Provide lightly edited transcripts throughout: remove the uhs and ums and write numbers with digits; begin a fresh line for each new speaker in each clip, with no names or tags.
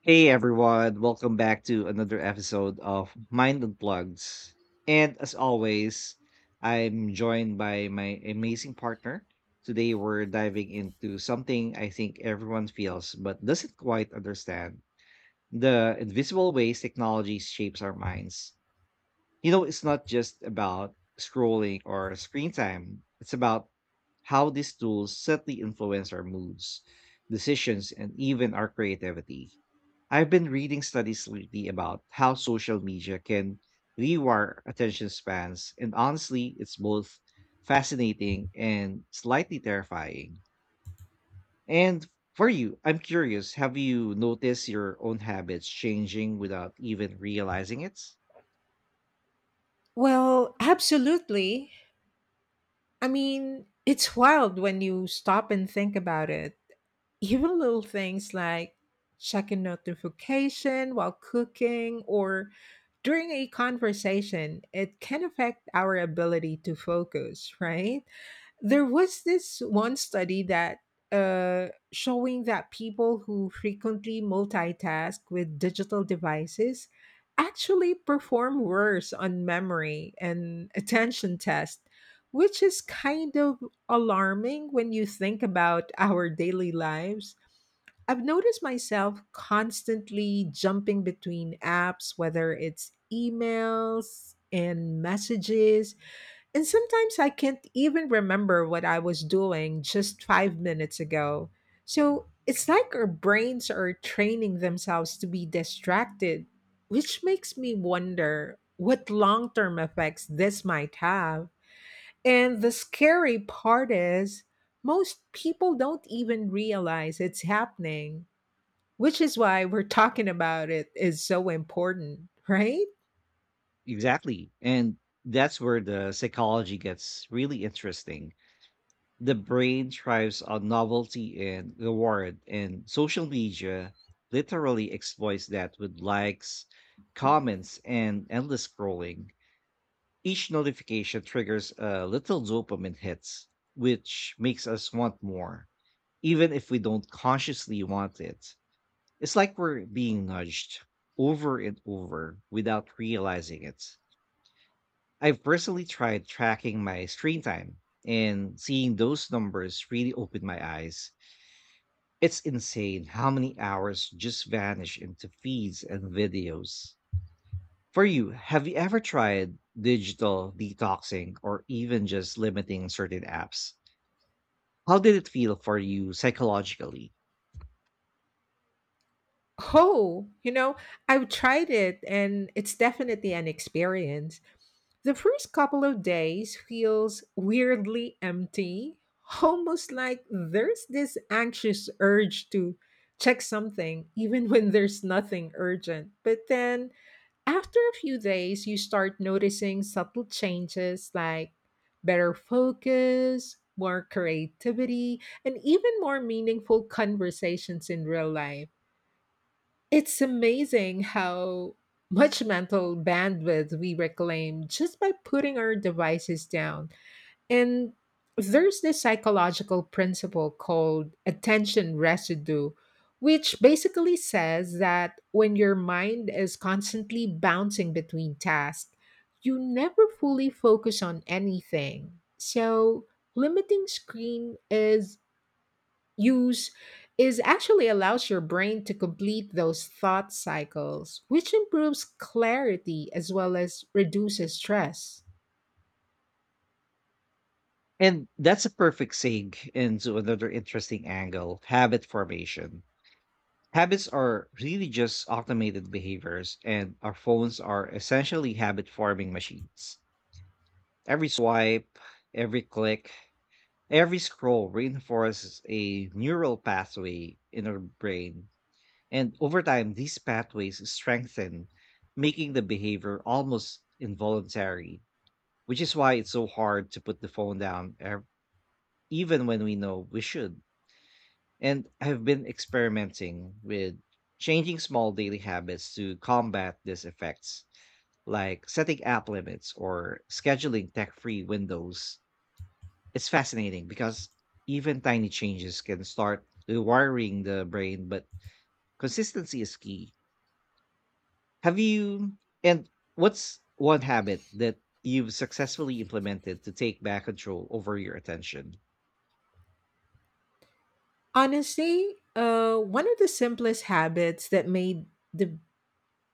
Hey everyone, welcome back to another episode of Mind Unplugged. And as always, I'm joined by my amazing partner. Today we're diving into something I think everyone feels but doesn't quite understand: the invisible ways technology shapes our minds. You know, it's not just about scrolling or screen time, it's about how these tools subtly influence our moods, decisions, and even our creativity. I've been reading studies lately about how social media can rewire attention spans, and honestly, it's both fascinating and slightly terrifying. And for you, I'm curious, have you noticed your own habits changing without even realizing it?
Well, absolutely. I mean, it's wild when you stop and think about it. Even little things like checking notification while cooking or during a conversation, it can affect our ability to focus, right? There was this one study that showing that people who frequently multitask with digital devices actually perform worse on memory and attention tests, which is kind of alarming when you think about our daily lives. I've noticed myself constantly jumping between apps, whether it's emails and messages. And sometimes I can't even remember what I was doing just 5 minutes ago. So it's like our brains are training themselves to be distracted, which makes me wonder what long term effects this might have. And the scary part is, most people don't even realize it's happening, which is why we're talking about it is so important, right?
Exactly. And that's where the psychology gets really interesting. The brain thrives on novelty and reward, and social media literally exploits that with likes, comments, and endless scrolling. Each notification triggers a little dopamine hits, which makes us want more, even if we don't consciously want it. It's like we're being nudged over and over without realizing it. I've personally tried tracking my screen time, and seeing those numbers really opened my eyes. It's insane how many hours just vanish into feeds and videos. For you, have you ever tried digital detoxing or even just limiting certain apps? How did it feel for you psychologically?
Oh, you know, I've tried it and it's definitely an experience. The first couple of days feels weirdly empty, almost like there's this anxious urge to check something, even when there's nothing urgent. But then after a few days, you start noticing subtle changes like better focus, more creativity, and even more meaningful conversations in real life. It's amazing how much mental bandwidth we reclaim just by putting our devices down. And there's this psychological principle called attention residue, which basically says that when your mind is constantly bouncing between tasks, you never fully focus on anything. So, limiting screen is use is actually allows your brain to complete those thought cycles, which improves clarity as well as reduces stress.
And that's a perfect seg into another interesting angle: habit formation. Habits are really just automated behaviors, and our phones are essentially habit forming machines. Every swipe, every click, every scroll reinforces a neural pathway in our brain, and over time, these pathways strengthen, making the behavior almost involuntary, which is why it's so hard to put the phone down, even when we know we should. And I've been experimenting with changing small daily habits to combat these effects, like setting app limits or scheduling tech free windows. It's fascinating because even tiny changes can start rewiring the brain, but consistency is key. Have you, and What's one habit that you've successfully implemented to take back control over your attention?
Honestly, one of the simplest habits that made the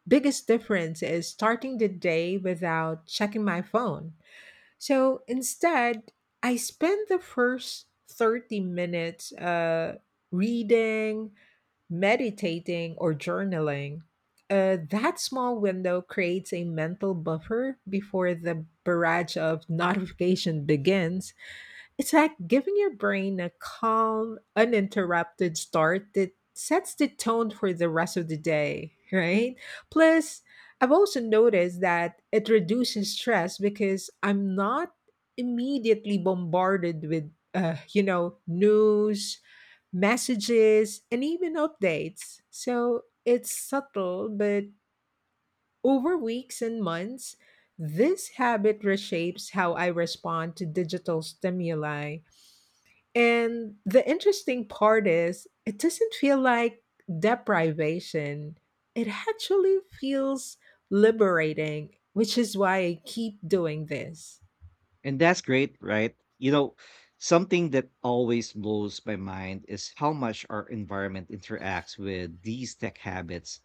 biggest difference is starting the day without checking my phone. So instead, I spend the first 30 minutes reading, meditating, or journaling. That small window creates a mental buffer before the barrage of notification begins. It's like giving your brain a calm, uninterrupted start that sets the tone for the rest of the day, right? Plus, I've also noticed that it reduces stress because I'm not immediately bombarded with, news, messages, and even updates. So it's subtle, but over weeks and months, this habit reshapes how I respond to digital stimuli. And the interesting part is, it doesn't feel like deprivation. It actually feels liberating, which is why I keep doing this.
And that's great, right? You know, something that always blows my mind is how much our environment interacts with these tech habits.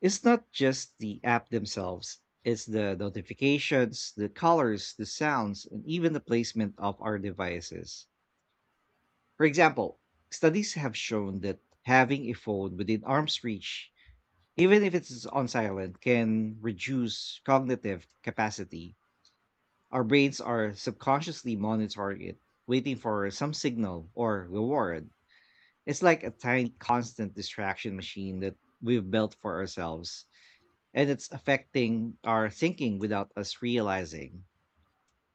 It's not just the app themselves, it's the notifications, the colors, the sounds, and even the placement of our devices. For example, studies have shown that having a phone within arm's reach, even if it's on silent, can reduce cognitive capacity. Our brains are subconsciously monitoring it, waiting for some signal or reward. It's like a tiny constant distraction machine that we've built for ourselves, and it's affecting our thinking without us realizing.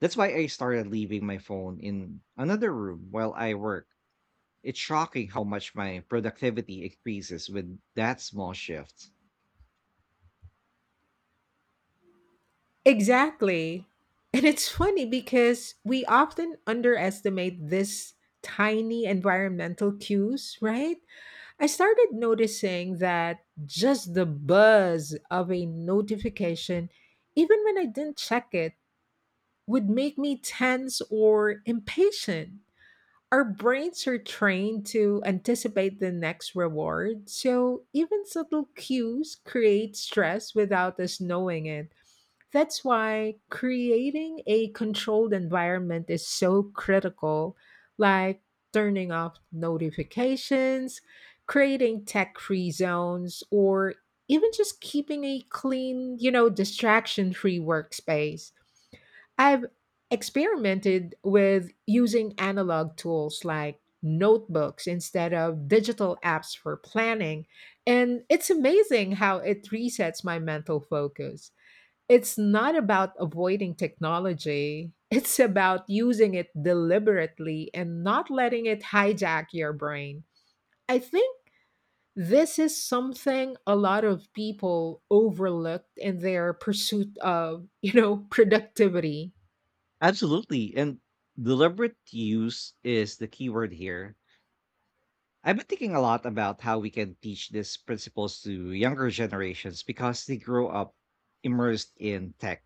That's why I started leaving my phone in another room while I work. It's shocking how much my productivity increases with that small shift.
Exactly. And it's funny because we often underestimate this tiny environmental cues, right? I started noticing that just the buzz of a notification, even when I didn't check it, would make me tense or impatient. Our brains are trained to anticipate the next reward, so even subtle cues create stress without us knowing it. That's why creating a controlled environment is so critical, like turning off notifications, creating tech free zones, or even just keeping a clean, distraction free workspace. I've experimented with using analog tools like notebooks instead of digital apps for planning, and it's amazing how it resets my mental focus. It's not about avoiding technology. It's about using it deliberately and not letting it hijack your brain. I think this is something a lot of people overlooked in their pursuit of, productivity.
Absolutely. And deliberate use is the key word here. I've been thinking a lot about how we can teach these principles to younger generations because they grow up immersed in tech.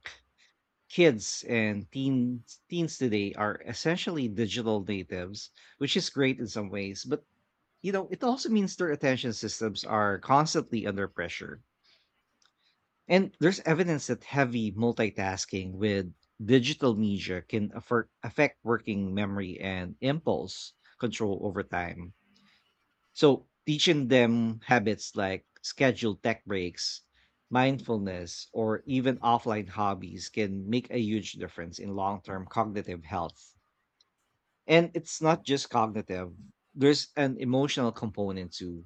Kids and teens today are essentially digital natives, which is great in some ways, but you know, it also means their attention systems are constantly under pressure. And there's evidence that heavy multitasking with digital media can affect working memory and impulse control over time. So teaching them habits like scheduled tech breaks, mindfulness, or even offline hobbies can make a huge difference in long term cognitive health. And it's not just cognitive, there's an emotional component too.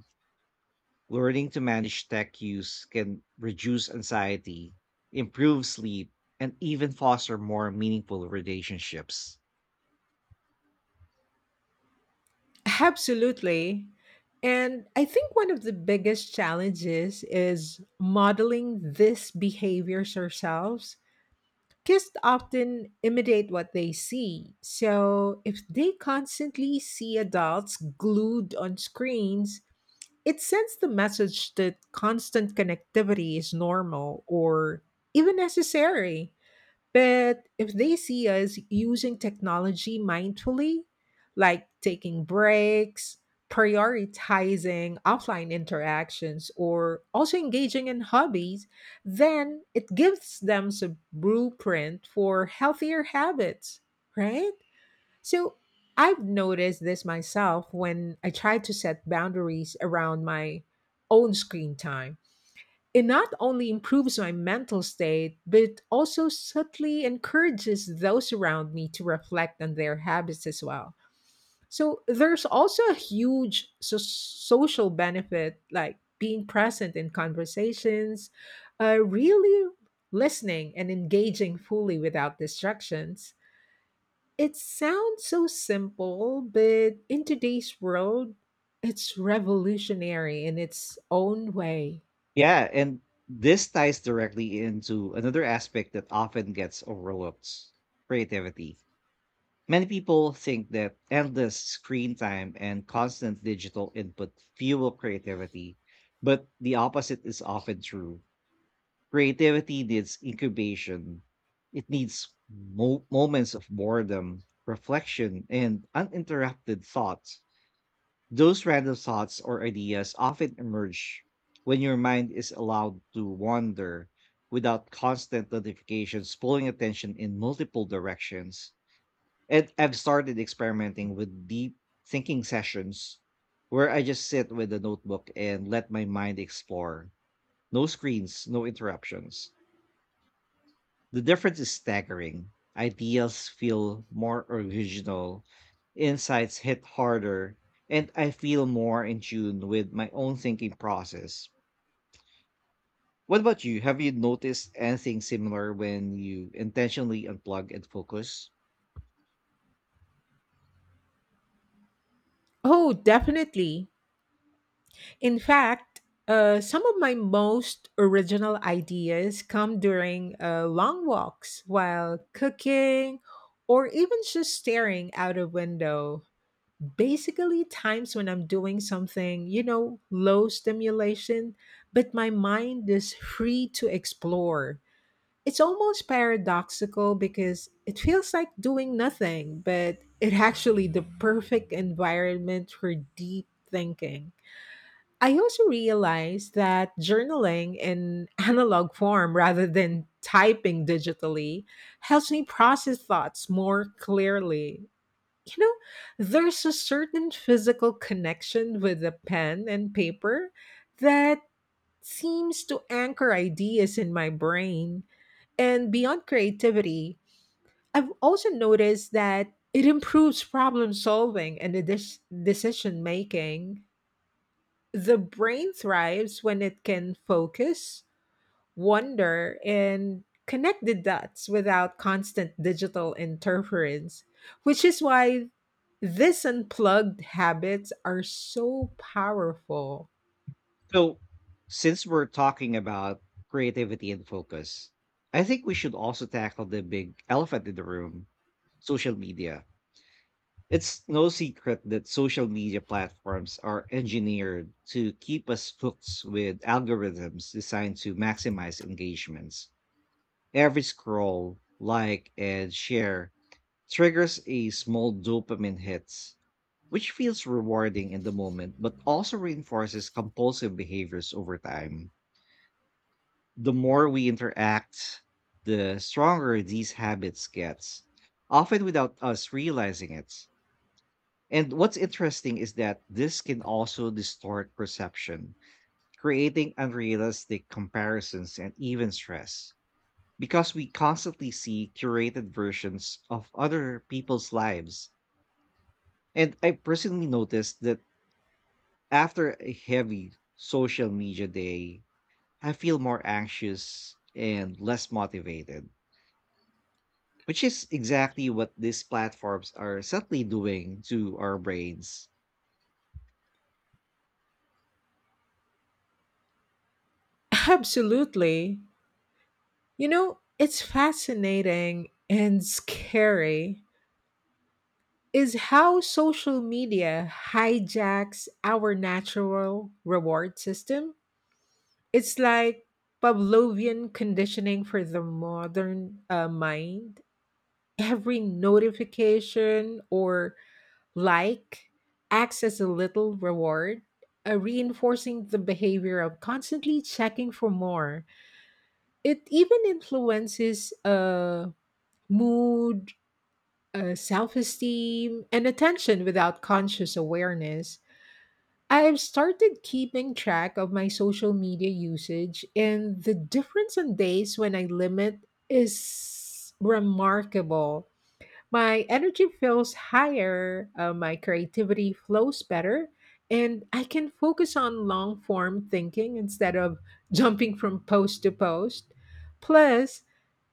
Learning to manage tech use can reduce anxiety, improve sleep, and even foster more meaningful relationships.
Absolutely. And I think one of the biggest challenges is modeling these behaviors ourselves. Kids often imitate what they see. So if they constantly see adults glued on screens, it sends the message that constant connectivity is normal or even necessary. But if they see us using technology mindfully, like taking breaks, prioritizing offline interactions, or also engaging in hobbies, then it gives them some blueprint for healthier habits, right? So I've noticed this myself when I try to set boundaries around my own screen time, it not only improves my mental state, but it also subtly encourages those around me to reflect on their habits as well. So there's also a huge so- social benefit, like being present in conversations, really listening and engaging fully without distractions. It sounds so simple, but in today's world, it's revolutionary in its own way.
Yeah, and this ties directly into another aspect that often gets overlooked: creativity. Many people think that endless screen time and constant digital input fuel creativity, but the opposite is often true. Creativity needs incubation, it needs moments of boredom, reflection, and uninterrupted thought. Those random thoughts or ideas often emerge when your mind is allowed to wander without constant notifications pulling attention in multiple directions. And I've started experimenting with deep thinking sessions where I just sit with a notebook and let my mind explore. No screens, no interruptions. The difference is staggering. Ideas feel more original, insights hit harder, and I feel more in tune with my own thinking process. What about you? Have you noticed anything similar when you intentionally unplug and focus?
Oh, definitely. In fact, some of my most original ideas come during long walks while cooking or even just staring out a window. Basically, times when I'm doing something, you know, low stimulation, but my mind is free to explore. It's almost paradoxical because it feels like doing nothing, but it actually the perfect environment for deep thinking. I also realized that journaling in analog form rather than typing digitally helps me process thoughts more clearly. You know, there's a certain physical connection with a pen and paper that seems to anchor ideas in my brain. And beyond creativity, I've also noticed that it improves problem solving and the dis- decision making. The brain thrives when it can focus, wonder, and connect the dots without constant digital interference, which is why these unplugged habits are so powerful.
So, since we're talking about creativity and focus, I think we should also tackle the big elephant in the room: social media. It's no secret that social media platforms are engineered to keep us hooked with algorithms designed to maximize engagements. Every scroll, like, and share triggers a small dopamine hit, which feels rewarding in the moment but also reinforces compulsive behaviors over time. The more we interact, the stronger these habits get, often without us realizing it. And what's interesting is that this can also distort perception, creating unrealistic comparisons and even stress, because we constantly see curated versions of other people's lives. And I personally noticed that after a heavy social media day, I feel more anxious and less motivated, which is exactly what these platforms are subtly doing to our brains.
Absolutely. You know, it's fascinating and scary is how social media hijacks our natural reward system. It's like Pavlovian conditioning for the modern mind. Every notification or like acts as a little reward, reinforcing the behavior of constantly checking for more. It even influences mood, self esteem, and attention without conscious awareness. I've started keeping track of my social media usage, and the difference on days when I limit is remarkable. My energy feels higher, my creativity flows better, and I can focus on long form thinking instead of jumping from post to post. Plus,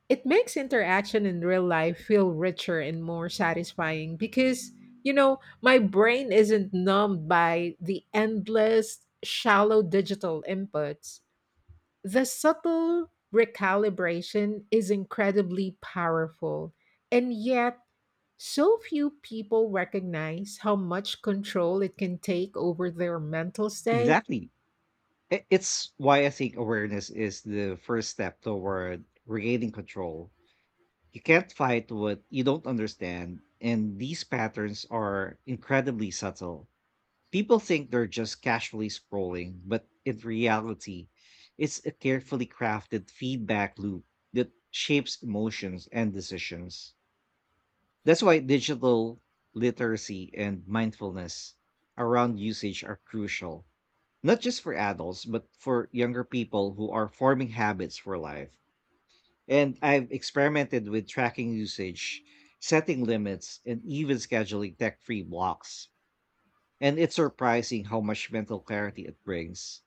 it makes interaction in real life feel richer and more satisfying because you know my brain isn't numbed by the endless shallow digital inputs. The subtle recalibration is incredibly powerful, and yet so few people recognize how much control it can take over their mental state.
Exactly. It's why I think awareness is the first step toward regaining control. You can't fight what you don't understand, and these patterns are incredibly subtle. People think they're just casually scrolling, but in reality, it's a carefully crafted feedback loop that shapes emotions and decisions. That's why digital literacy and mindfulness around usage are crucial, not just for adults, but for younger people who are forming habits for life. And I've experimented with tracking usage, setting limits, and even scheduling tech free blocks. And it's surprising how much mental clarity it brings.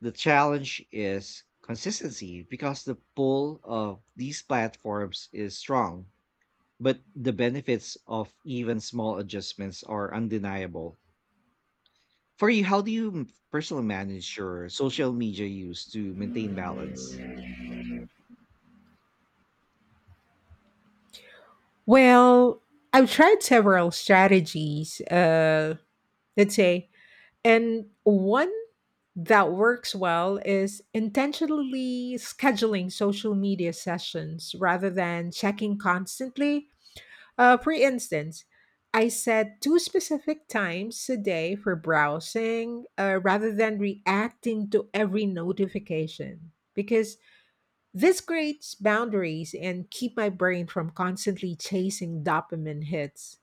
The challenge is consistency because the pull of these platforms is strong, but the benefits of even small adjustments are undeniable. For you, how do you personally manage your social media use to maintain balance?
Well, I've tried several strategies, let's say. And one that works well is intentionally scheduling social media sessions rather than checking constantly. For instance, I set two specific times a day for browsing rather than reacting to every notification because this creates boundaries and keep my brain from constantly chasing dopamine hits.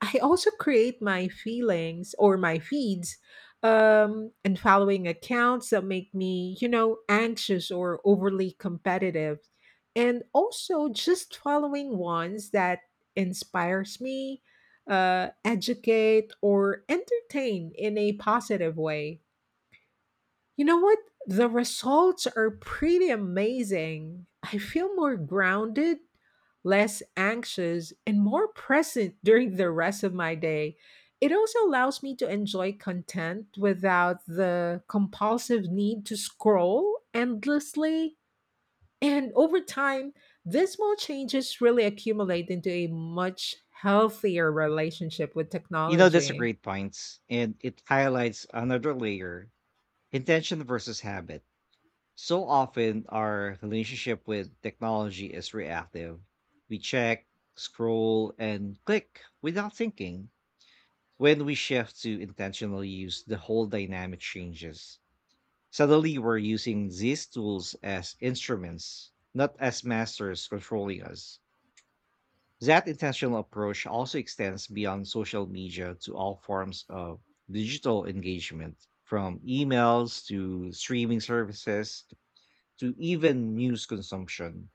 I also create my feelings or my feeds, and following accounts that make me, you know, anxious or overly competitive. And also just following ones that inspires me, educate, or entertain in a positive way. You know what? The results are pretty amazing. I feel more grounded, less anxious, and more present during the rest of my day. It also allows me to enjoy content without the compulsive need to scroll endlessly. And over time, these small changes really accumulate into a much healthier relationship with
You know, that's a
technology.
great point, and it highlights another layer: intention versus habit. So often, our relationship with technology is reactive. We check, scroll, and click without thinking. When we shift to intentional use, the whole dynamic changes. Suddenly we're using these tools as instruments, not as masters controlling us. That intentional approach also extends beyond social media to all forms of digital engagement, from emails to streaming services to even news consumption.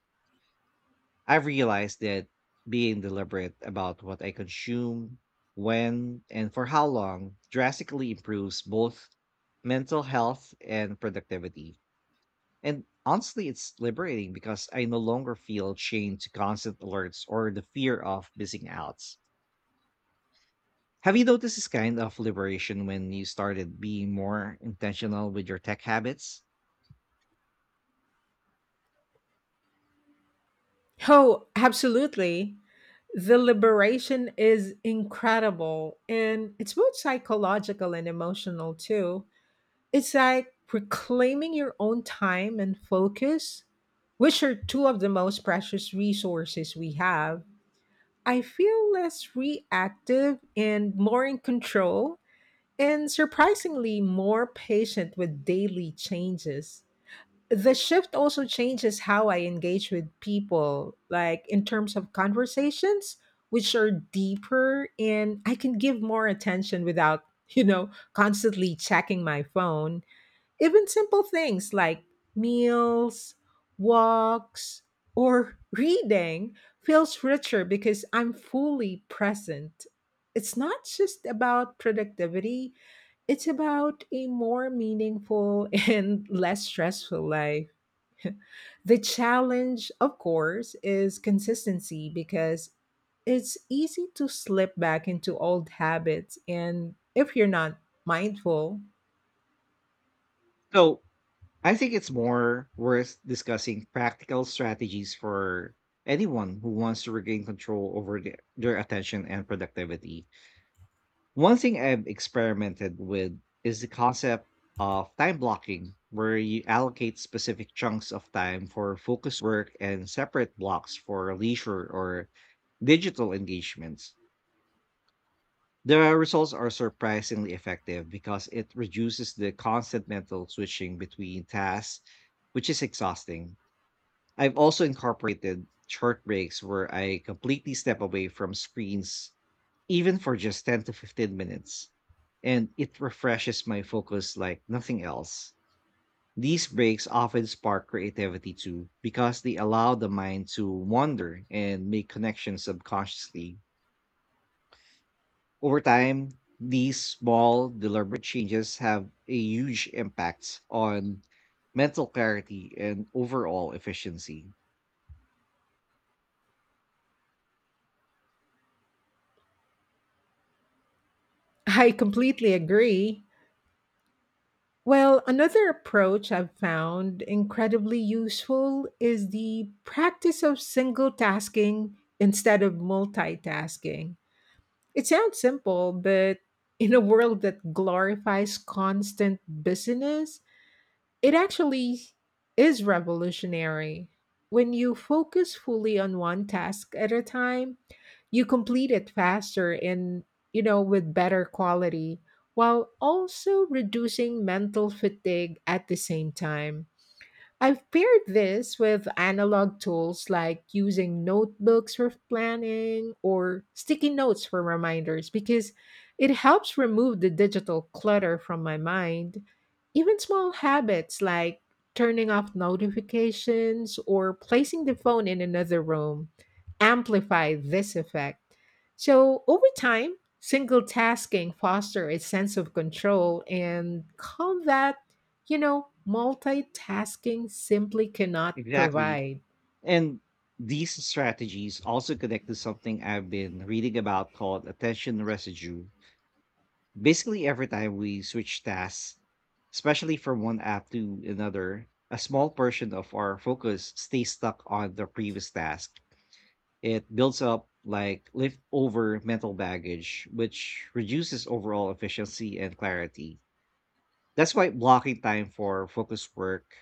I've realized that being deliberate about what I consume, when, and for how long drastically improves both mental health and productivity. And honestly, it's liberating because I no longer feel chained to constant alerts or the fear of missing out. Have you noticed this kind of liberation when you started being more intentional with your tech habits?
Oh, absolutely. The liberation is incredible, and it's both psychological and emotional too. It's like reclaiming your own time and focus, which are two of the most precious resources we have. I feel less reactive and more in control, and surprisingly more patient with daily changes. The shift also changes how I engage with people, like in terms of conversations, which are deeper, and I can give more attention without, you know, constantly checking my phone. Even simple things like meals, walks, or reading feels richer because I'm fully present. It's not just about productivity, it's about a more meaningful and less stressful life. The challenge, of course, is consistency because it's easy to slip back into old habits. And if you're not mindful,
So I think it's more worth discussing practical strategies for anyone who wants to regain control over their attention and productivity. One thing I've experimented with is the concept of time blocking, where you allocate specific chunks of time for focus work and separate blocks for leisure or digital engagements. The results are surprisingly effective because it reduces the constant mental switching between tasks, which is exhausting. I've also incorporated short breaks where I completely step away from screens, even for just 10 to 15 minutes, and it refreshes my focus like nothing else. These breaks often spark creativity too, because they allow the mind to wander and make connections subconsciously. Over time, these small, deliberate changes have a huge impact on mental clarity and overall efficiency.
I completely agree. Well, another approach I've found incredibly useful is the practice of single tasking instead of multitasking. It sounds simple, but in a world that glorifies constant busyness, it actually is revolutionary. When you focus fully on one task at a time, you complete it faster and, you know, with better quality while also reducing mental fatigue at the same time. I've paired this with analog tools like using notebooks for planning or sticky notes for reminders because it helps remove the digital clutter from my mind. Even small habits like turning off notifications or placing the phone in another room amplify this effect. So, over time, single tasking fosters a sense of control and calm that, you know, multitasking simply cannot
Exactly.
provide.
And these strategies also connect to something I've been reading about called attention residue. Basically, every time we switch tasks, especially from one app to another, a small portion of our focus stays stuck on the previous task. It builds up like leftover mental baggage, which reduces overall efficiency and clarity. That's why blocking time for focus work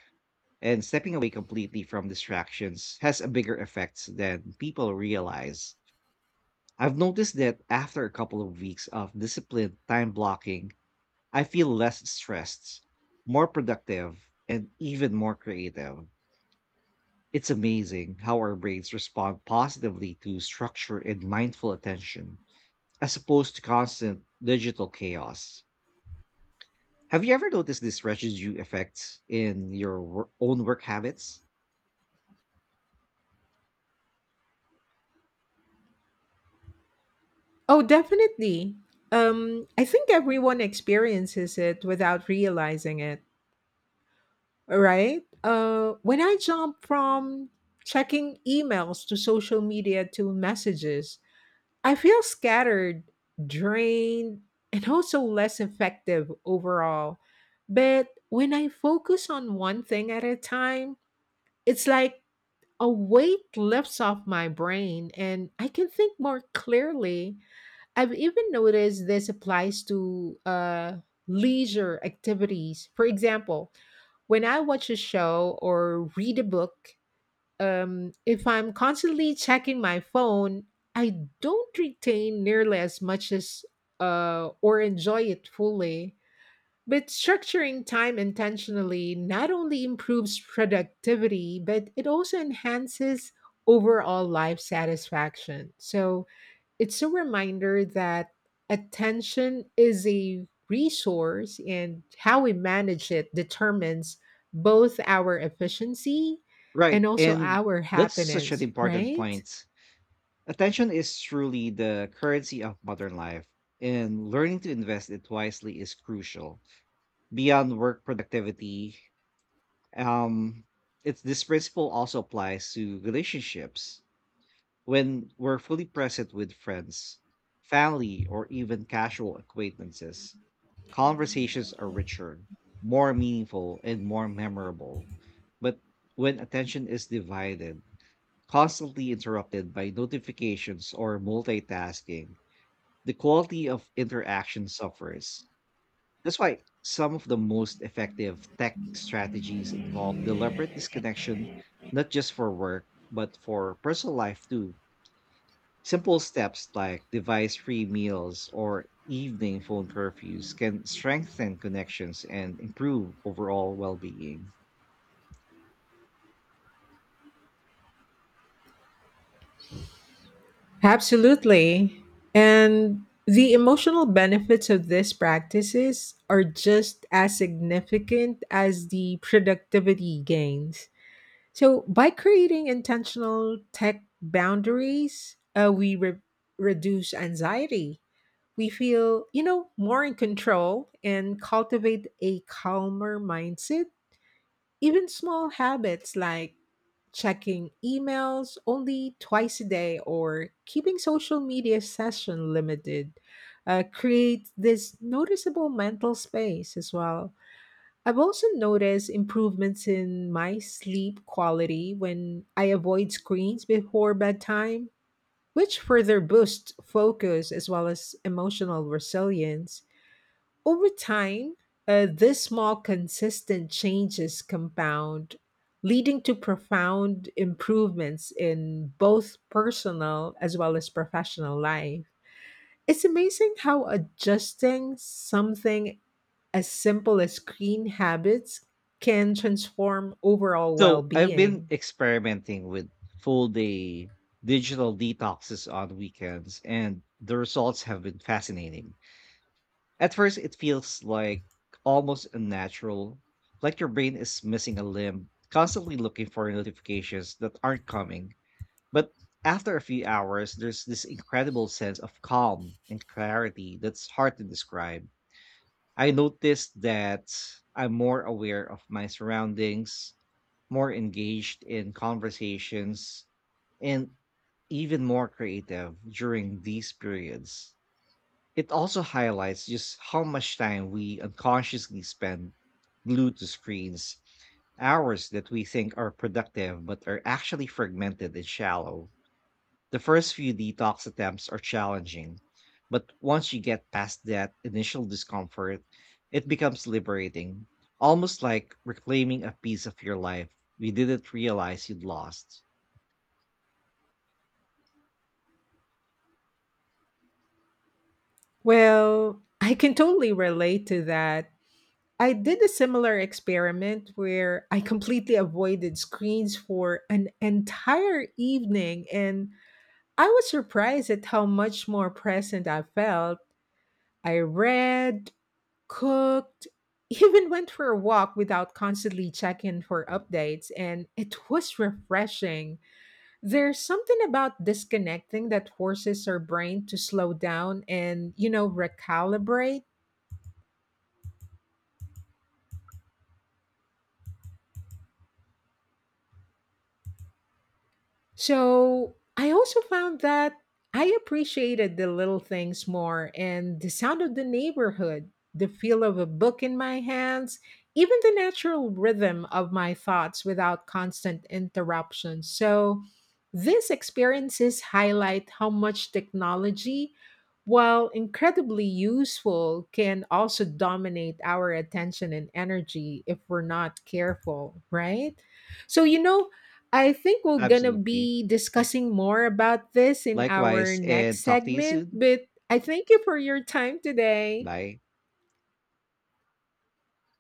and stepping away completely from distractions has a bigger effect than people realize. I've noticed that after a couple of weeks of disciplined time blocking, I feel less stressed, more productive, and even more creative. It's amazing how our brains respond positively to structure and mindful attention, as opposed to constant digital chaos. Have you ever noticed this residue effect in your own work habits?
Oh, definitely. I think everyone experiences it without realizing it, right? When I jump from checking emails to social media to messages, I feel scattered, drained, and also less effective overall. But when I focus on one thing at a time, it's like a weight lifts off my brain and I can think more clearly. I've even noticed this applies to leisure activities. For example, when I watch a show or read a book, if I'm constantly checking my phone, I don't retain nearly as much as or enjoy it fully. But structuring time intentionally not only improves productivity, but it also enhances overall life satisfaction. So it's a reminder that attention is a resource, and how we manage it determines both our efficiency
Right.
and also
And
our
that's such an
happiness,
important
right?
point. Attention is truly the currency of modern life, and learning to invest it wisely is crucial. Beyond work productivity, um, it's this principle also applies to relationships. When we're fully present with friends, family, or even casual acquaintances, conversations are richer, more meaningful, and more memorable. But when attention is divided, constantly interrupted by notifications or multitasking, the quality of interaction suffers. That's why some of the most effective tech strategies involve deliberate disconnection, not just for work, but for personal life too. Simple steps like device free meals or evening phone curfews can strengthen connections and improve overall well being.
Absolutely. And the emotional benefits of these practices are just as significant as the productivity gains. So, by creating intentional tech boundaries, we reduce anxiety. We feel, you know, more in control and cultivate a calmer mindset. Even small habits like checking emails only twice a day or keeping social media session limited, create this noticeable mental space as well. I've also noticed improvements in my sleep quality when I avoid screens before bedtime, which further boosts focus as well as emotional resilience. Over time, these small, consistent changes compound, leading to profound improvements in both personal as well as professional life. It's amazing how adjusting something as simple as screen habits can transform overall well
So I've been
being.
experimenting with full day digital detoxes on weekends, and the results have been fascinating. At first, it feels like almost unnatural, like your brain is missing a limb, constantly looking for notifications that aren't coming. But after a few hours, there's this incredible sense of calm and clarity that's hard to describe. I noticed that I'm more aware of my surroundings, more engaged in conversations, and even more creative during these periods. It also highlights just how much time we unconsciously spend glued to screens, hours that we think are productive but are actually fragmented and shallow. The first few detox attempts are challenging, but once you get past that initial discomfort, it becomes liberating, almost like reclaiming a piece of your life you didn't realize you'd lost.
Well, I can totally relate to that. I did a similar experiment where I completely avoided screens for an entire evening, and I was surprised at how much more present I felt. I read, cooked, even went for a walk without constantly checking for updates, and it was refreshing. There's something about disconnecting that forces our brain to slow down and, you know, recalibrate. So I also found that I appreciated the little things more and the sound of the neighborhood, the feel of a book in my hands, even the natural rhythm of my thoughts without constant interruptions. So these experiences highlight how much technology, while incredibly useful, can also dominate our attention and energy if we're not careful, right? So, you know, I think we're gonna
Absolutely.
be discussing more about this in our
Likewise,
next
and talk to you
segment,
soon.
but I thank you for your time today.
Bye.